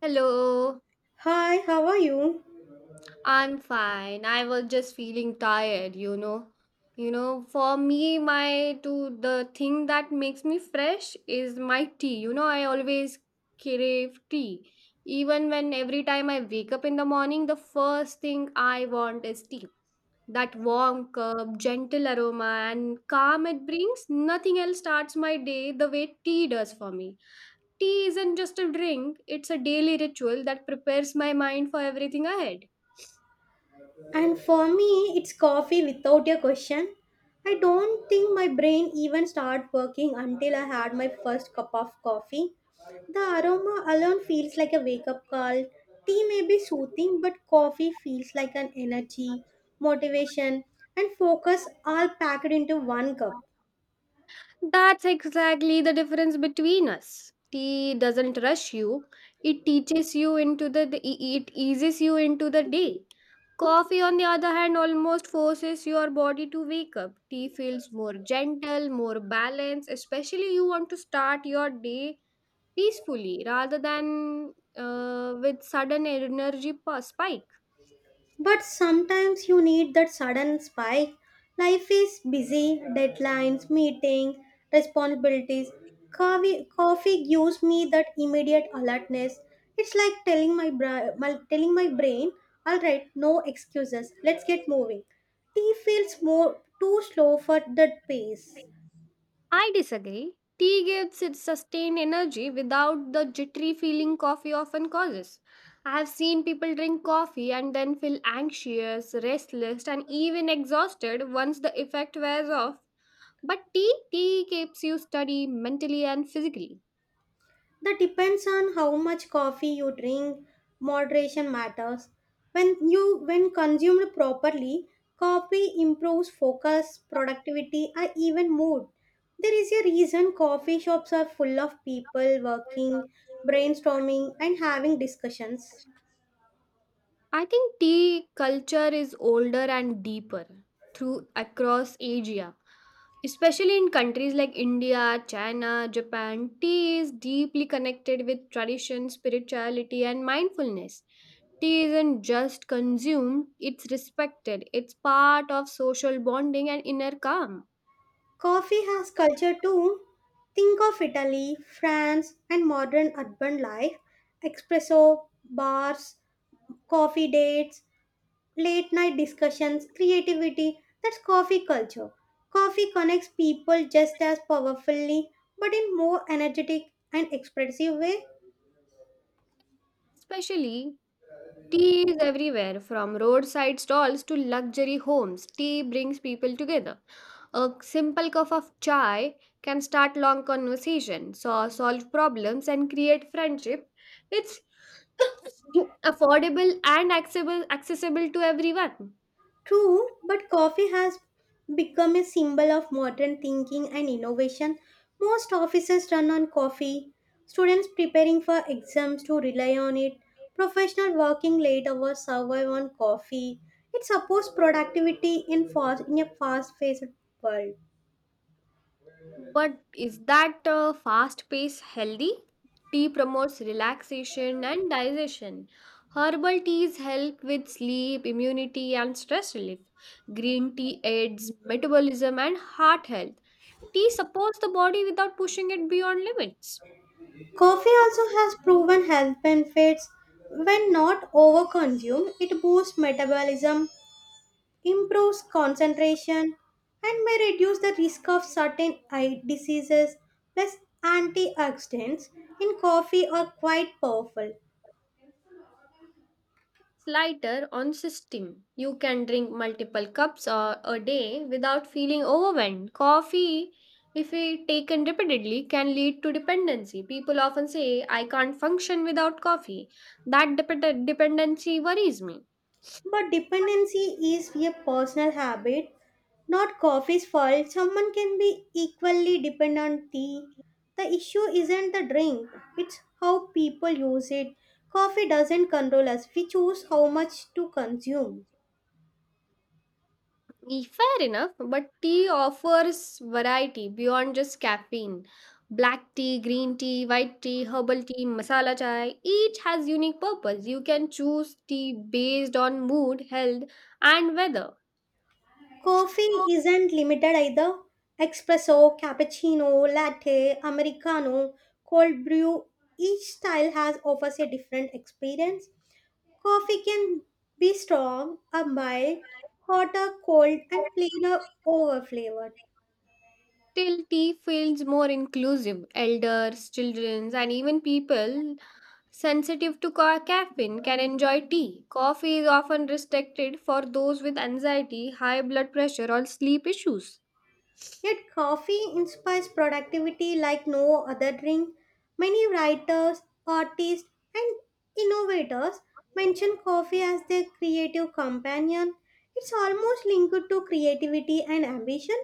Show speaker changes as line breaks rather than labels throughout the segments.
Hello,
Hi, how are you?
I'm fine. I was just feeling tired. For me, my to the thing that makes me fresh is my tea. I always crave tea. Even when every time I wake up in the morning, the first thing I want is tea. That warm cup, gentle aroma, and calm it brings, nothing else starts my day the way tea does for me. Tea isn't just a drink, it's a daily ritual that prepares my mind for everything ahead.
And for me, it's coffee without a question. I don't think my brain even started working until I had my first cup of coffee. The aroma alone feels like a wake up call. Tea may be soothing, but coffee feels like an energy, motivation, and focus all packed into one cup.
That's exactly the difference between us. Tea doesn't rush you. It teaches you into the- e- e, it eases you into the day. Coffee on the other hand almost forces your body to wake up. Tea feels more gentle, more balanced, especially you want to start your day peacefully rather than with sudden energy spike.
But sometimes you need that sudden spike. Life is busy, deadlines, meeting, responsibilities. Coffee gives me that immediate alertness. It's like telling telling my brain, all right, no excuses, let's get moving. Tea feels more too slow for that pace.
I disagree. Tea gives its sustained energy without the jittery feeling coffee often causes. I have seen people drink coffee and then feel anxious, restless, and even exhausted once the effect wears off. But tea keeps you steady mentally and physically.
That depends on how much coffee you drink. Moderation matters. When consumed properly, coffee improves focus, productivity, and even mood. There is a reason coffee shops are full of people working, brainstorming, and having discussions.
I think tea culture is older and deeper through across Asia. Especially in countries like India, China, Japan, tea is deeply connected with tradition, spirituality, and mindfulness. Tea isn't just consumed, it's respected. It's part of social bonding and inner calm.
Coffee has culture too. Think of Italy, France, and modern urban life. Espresso, bars, coffee dates, late night discussions, creativity. That's coffee culture. Coffee connects people just as powerfully, but in more energetic and expressive way.
Especially, tea is everywhere from roadside stalls to luxury homes. Tea brings people together. A simple cup of chai can start long conversations, so solve problems, and create friendship. It's affordable and accessible to everyone.
True, but coffee has become a symbol of modern thinking and innovation. Most offices run on coffee. Students preparing for exams to rely on it. Professional working late hours survive on coffee. It supports productivity in a fast-paced world.
But is that fast pace healthy? Tea promotes relaxation and digestion. Herbal teas help with sleep, immunity, and stress relief. Green tea aids metabolism and heart health. Tea supports the body without pushing it beyond limits.
Coffee also has proven health benefits. When not overconsumed, it boosts metabolism, improves concentration, and may reduce the risk of certain eye diseases. Plus, antioxidants in coffee are quite powerful.
Lighter on system. You can drink multiple cups or a day without feeling overwhelmed. Coffee, if we taken repeatedly, can lead to dependency. People often say, I can't function without coffee. That dependency worries me.
But dependency is a personal habit, not coffee's fault. Someone can be equally dependent on tea. The issue isn't the drink, it's how people use it. Coffee doesn't control us, we choose how much to consume.
Fair enough, but tea offers variety beyond just caffeine. Black tea, green tea, white tea, herbal tea, masala chai, each has unique purpose. You can choose tea based on mood, health, and weather.
Coffee
So,
isn't limited either. Espresso, cappuccino, latte, americano, cold brew, each style has offers a different experience. Coffee can be strong or mild, hot or cold, and plain or over flavored.
fertility feels more inclusive. Elders, children, and even people sensitive to caffeine can enjoy tea. Coffee is often restricted for those with anxiety, high blood pressure, or sleep issues.
Yet, coffee inspires productivity like no other drink. Many writers, artists, and innovators mention coffee as their creative companion. It's almost linked to creativity and ambition.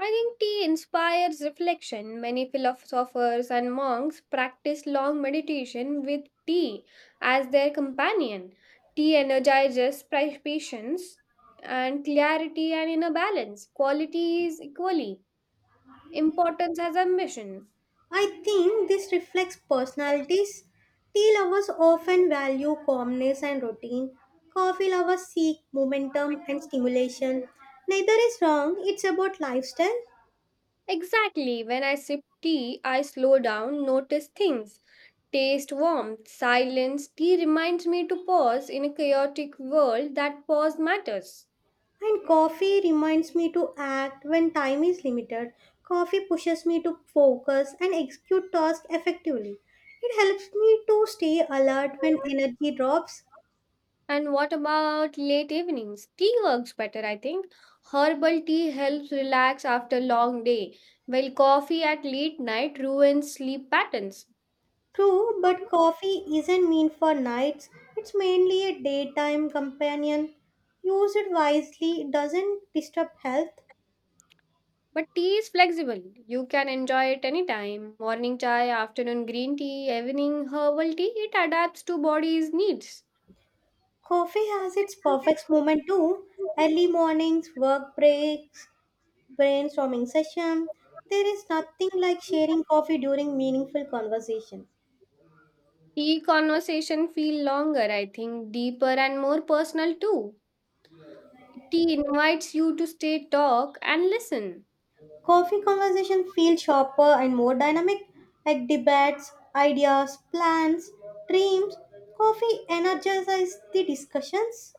I think tea inspires reflection. Many philosophers and monks practice long meditation with tea as their companion. Tea energizes patience and clarity and inner balance. Quality is equally. Importance as ambition.
I think this reflects personalities. Tea lovers often value calmness and routine. Coffee lovers seek momentum and stimulation. Neither is wrong, it's about lifestyle.
Exactly. When I sip tea, I slow down, notice things, taste warmth, silence. Tea reminds me to pause in a chaotic world that pause matters.
And coffee reminds me to act when time is limited. Coffee pushes me to focus and execute tasks effectively. It helps me to stay alert when energy drops.
And what about late evenings? Tea works better, I think. Herbal tea helps relax after long day, while coffee at late night ruins sleep patterns.
True, but coffee isn't meant for nights. It's mainly a daytime companion. Use it wisely, it doesn't disturb health.
But tea is flexible. You can enjoy it anytime. Morning chai, afternoon green tea, evening herbal tea, it adapts to body's needs.
Coffee has its perfect moment too. Early mornings, work breaks, brainstorming session. There is nothing like sharing coffee during meaningful conversation.
Tea conversation feel longer, I think, deeper and more personal too. Tea invites you to stay talk and listen.
Coffee conversation feel sharper and more dynamic, like debates, ideas, plans, dreams. Coffee energizes the discussions.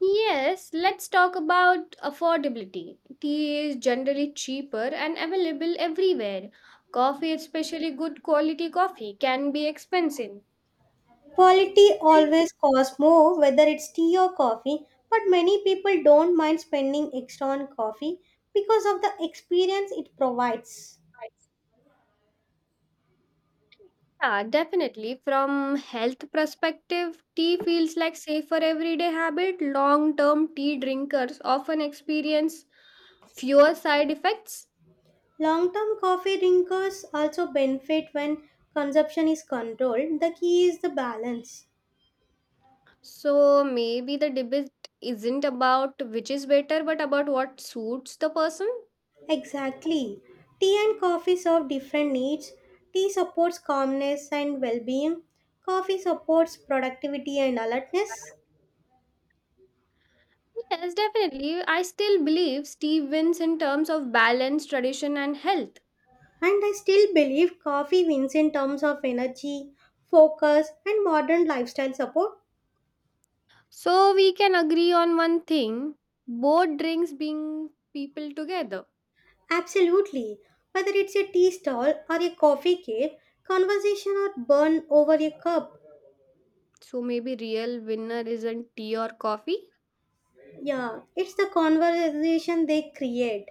Yes, let's talk about affordability. Tea is generally cheaper and available everywhere. Coffee, especially good quality coffee, can be expensive.
Quality always costs more, whether it's tea or coffee, but many people don't mind spending extra on coffee because of the experience it provides.
Yeah, definitely. From health perspective, tea feels like safer everyday habit. Long-term tea drinkers often experience fewer side effects.
Long term coffee drinkers also benefit when consumption is controlled. The key is the balance.
So maybe the debate isn't about which is better, but about what suits the person.
Exactly. Tea and coffee serve different needs. Tea supports calmness and well being, coffee supports productivity and alertness.
Yes, definitely. I still believe Steve wins in terms of balance, tradition, and health.
And I still believe coffee wins in terms of energy, focus, and modern lifestyle support.
So we can agree on one thing both drinks bring people together.
Absolutely. Whether it's a tea stall or a coffee cave, conversation or burn over a cup.
So maybe real winner isn't tea or coffee.
Yeah, it's the conversation they create.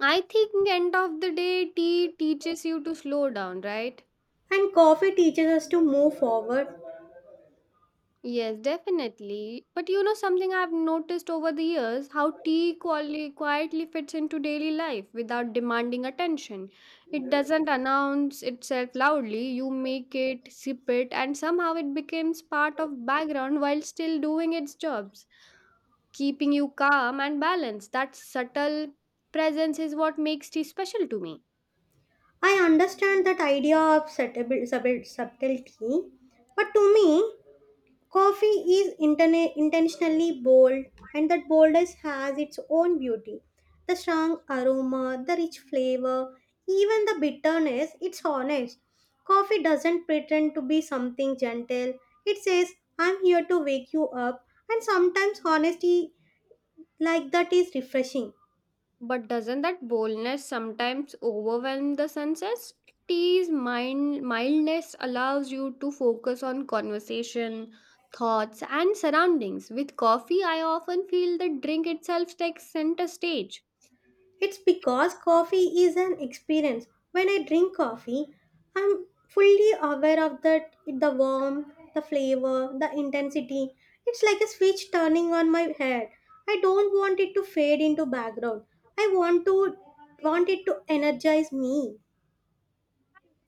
I think end of the day tea teaches you to slow down, right?
And coffee teaches us to move forward.
Yes, definitely. But you know something I've noticed over the years how tea quietly fits into daily life without demanding attention. It doesn't announce itself loudly, you make it, sip it, and somehow it becomes part of background while still doing its jobs, keeping you calm and balanced. That subtle presence is what makes tea special to me.
I understand that idea of subtlety, but to me, coffee is intentionally bold, and that boldness has its own beauty. The strong aroma, the rich flavor, even the bitterness, it's honest. Coffee doesn't pretend to be something gentle. It says, I'm here to wake you up, and sometimes honesty like that is refreshing.
But doesn't that boldness sometimes overwhelm the senses? Sensitivity? Mind mildness allows you to focus on conversation, thoughts, and surroundings. With coffee, I often feel the drink itself takes center stage.
It's because coffee is an experience. When I drink coffee, I'm fully aware of that the warmth, the flavor, the intensity. It's like a switch turning on my head. I don't want it to fade into background. I want to want it to energize me.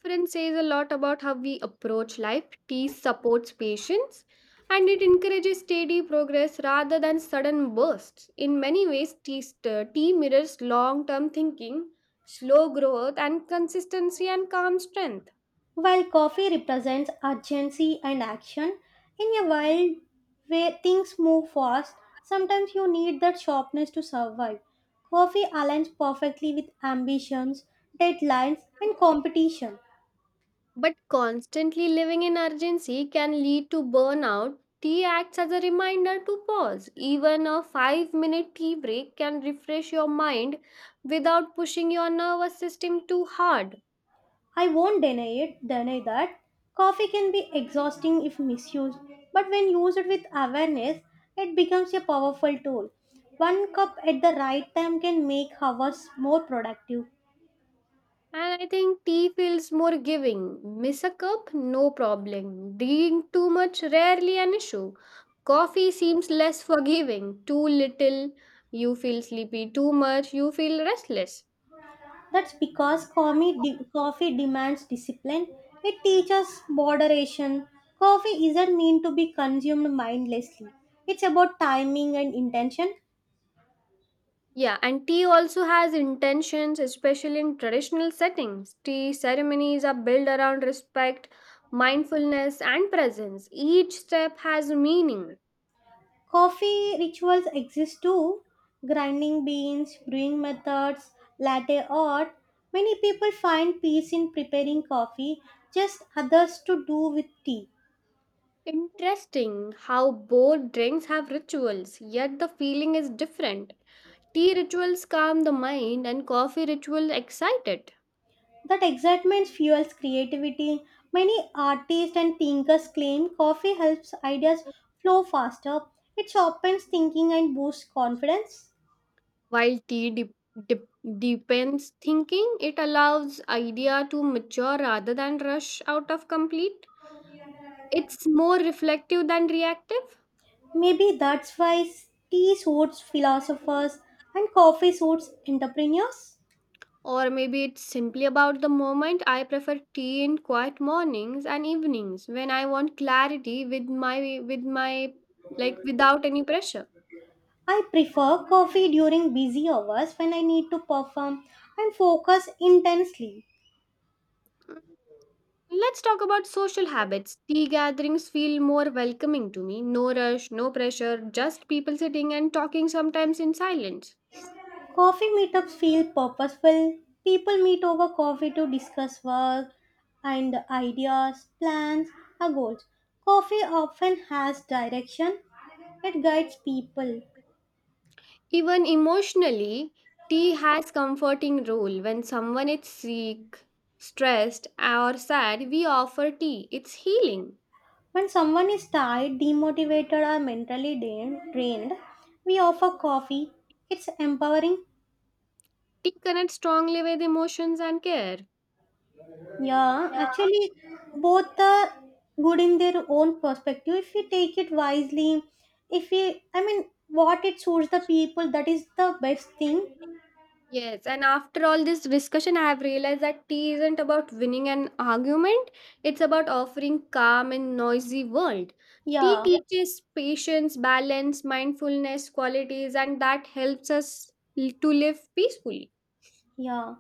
Friends says a lot about how we approach life. Peace supports patience and it encourages steady progress rather than sudden bursts. In many ways, tea mirrors long term thinking, slow growth, and consistency and calm strength.
While coffee represents urgency and action, in a world where things move fast, sometimes you need that sharpness to survive. Coffee aligns perfectly with ambitions, deadlines, and competition.
But constantly living in urgency can lead to burnout. Tea acts as a reminder to pause. Even a 5-minute tea break can refresh your mind without pushing your nervous system too hard.
I won't deny it, deny that. Coffee can be exhausting if misused, but when used with awareness, it becomes a powerful tool. One cup at the right time can make hours more productive.
And I think tea feels more giving. Miss a cup? No problem. Drink too much? Rarely an issue. Coffee seems less forgiving. Too little, you feel sleepy. Too much, you feel restless.
That's because coffee demands discipline. It teaches moderation. Coffee isn't meant to be consumed mindlessly. It's about timing and intention.
Yeah, and tea also has intentions, especially in traditional settings. Tea ceremonies are built around respect, mindfulness, and presence. Each step has meaning.
Coffee rituals exist too. Grinding beans, brewing methods, latte art. Many people find peace in preparing coffee, just others to do with tea.
Interesting how both drinks have rituals, yet the feeling is different. Tea rituals calm the mind and coffee ritual excite it.
That excitement fuels creativity. Many artists and thinkers claim coffee helps ideas flow faster. It sharpens thinking and boosts confidence.
While tea deepens thinking, it allows idea to mature rather than rush out of complete. It's more reflective than reactive.
Maybe that's why tea suits philosophers and coffee suits entrepreneurs.
Or maybe it's simply about the moment. I prefer tea in quiet mornings and evenings when I want clarity with my like without any pressure.
I prefer coffee during busy hours when I need to perform and focus intensely.
Let's talk about social habits. Tea gatherings feel more welcoming to me. No rush, no pressure, just people sitting and talking sometimes in silence.
Coffee meetups feel purposeful. People meet over coffee to discuss work and ideas, plans, or goals. Coffee often has direction, it guides people.
Even emotionally, tea has comforting role. When someone is sick, stressed, or sad, we offer tea. It's healing.
When someone is tired, demotivated, or mentally drained, we offer coffee. It's empowering.
Tea connects strongly with emotions and care.
Yeah, actually, both are good in their own perspective. If we take it wisely, if we, I mean, what it suits the people, that is the best thing.
Yes, and after all this discussion, I have realized that tea isn't about winning an argument, it's about offering calm in noisy world. Tea,
Yeah,
yeah, teaches patience, balance, mindfulness, qualities, and that helps us to live peacefully.
yeah.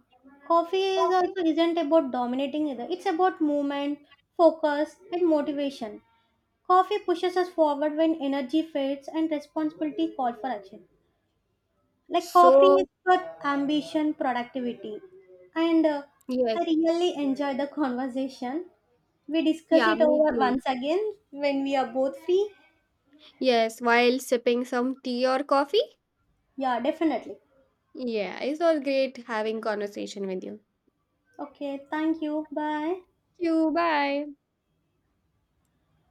Coffee is
Okay.
also isn't about dominating either. It's about movement, focus, and motivation. Coffee pushes us forward when energy fades and responsibility call for action. Like coffee is
So,
for ambition productivity and
yes,
I really enjoyed the conversation. We discuss
yeah,
it
me
over
too.
once again when we are both free.
Yes, while sipping some tea or coffee.
Yeah, definitely.
Yeah, it was great having conversation with you.
Okay, thank you, bye.
You, bye.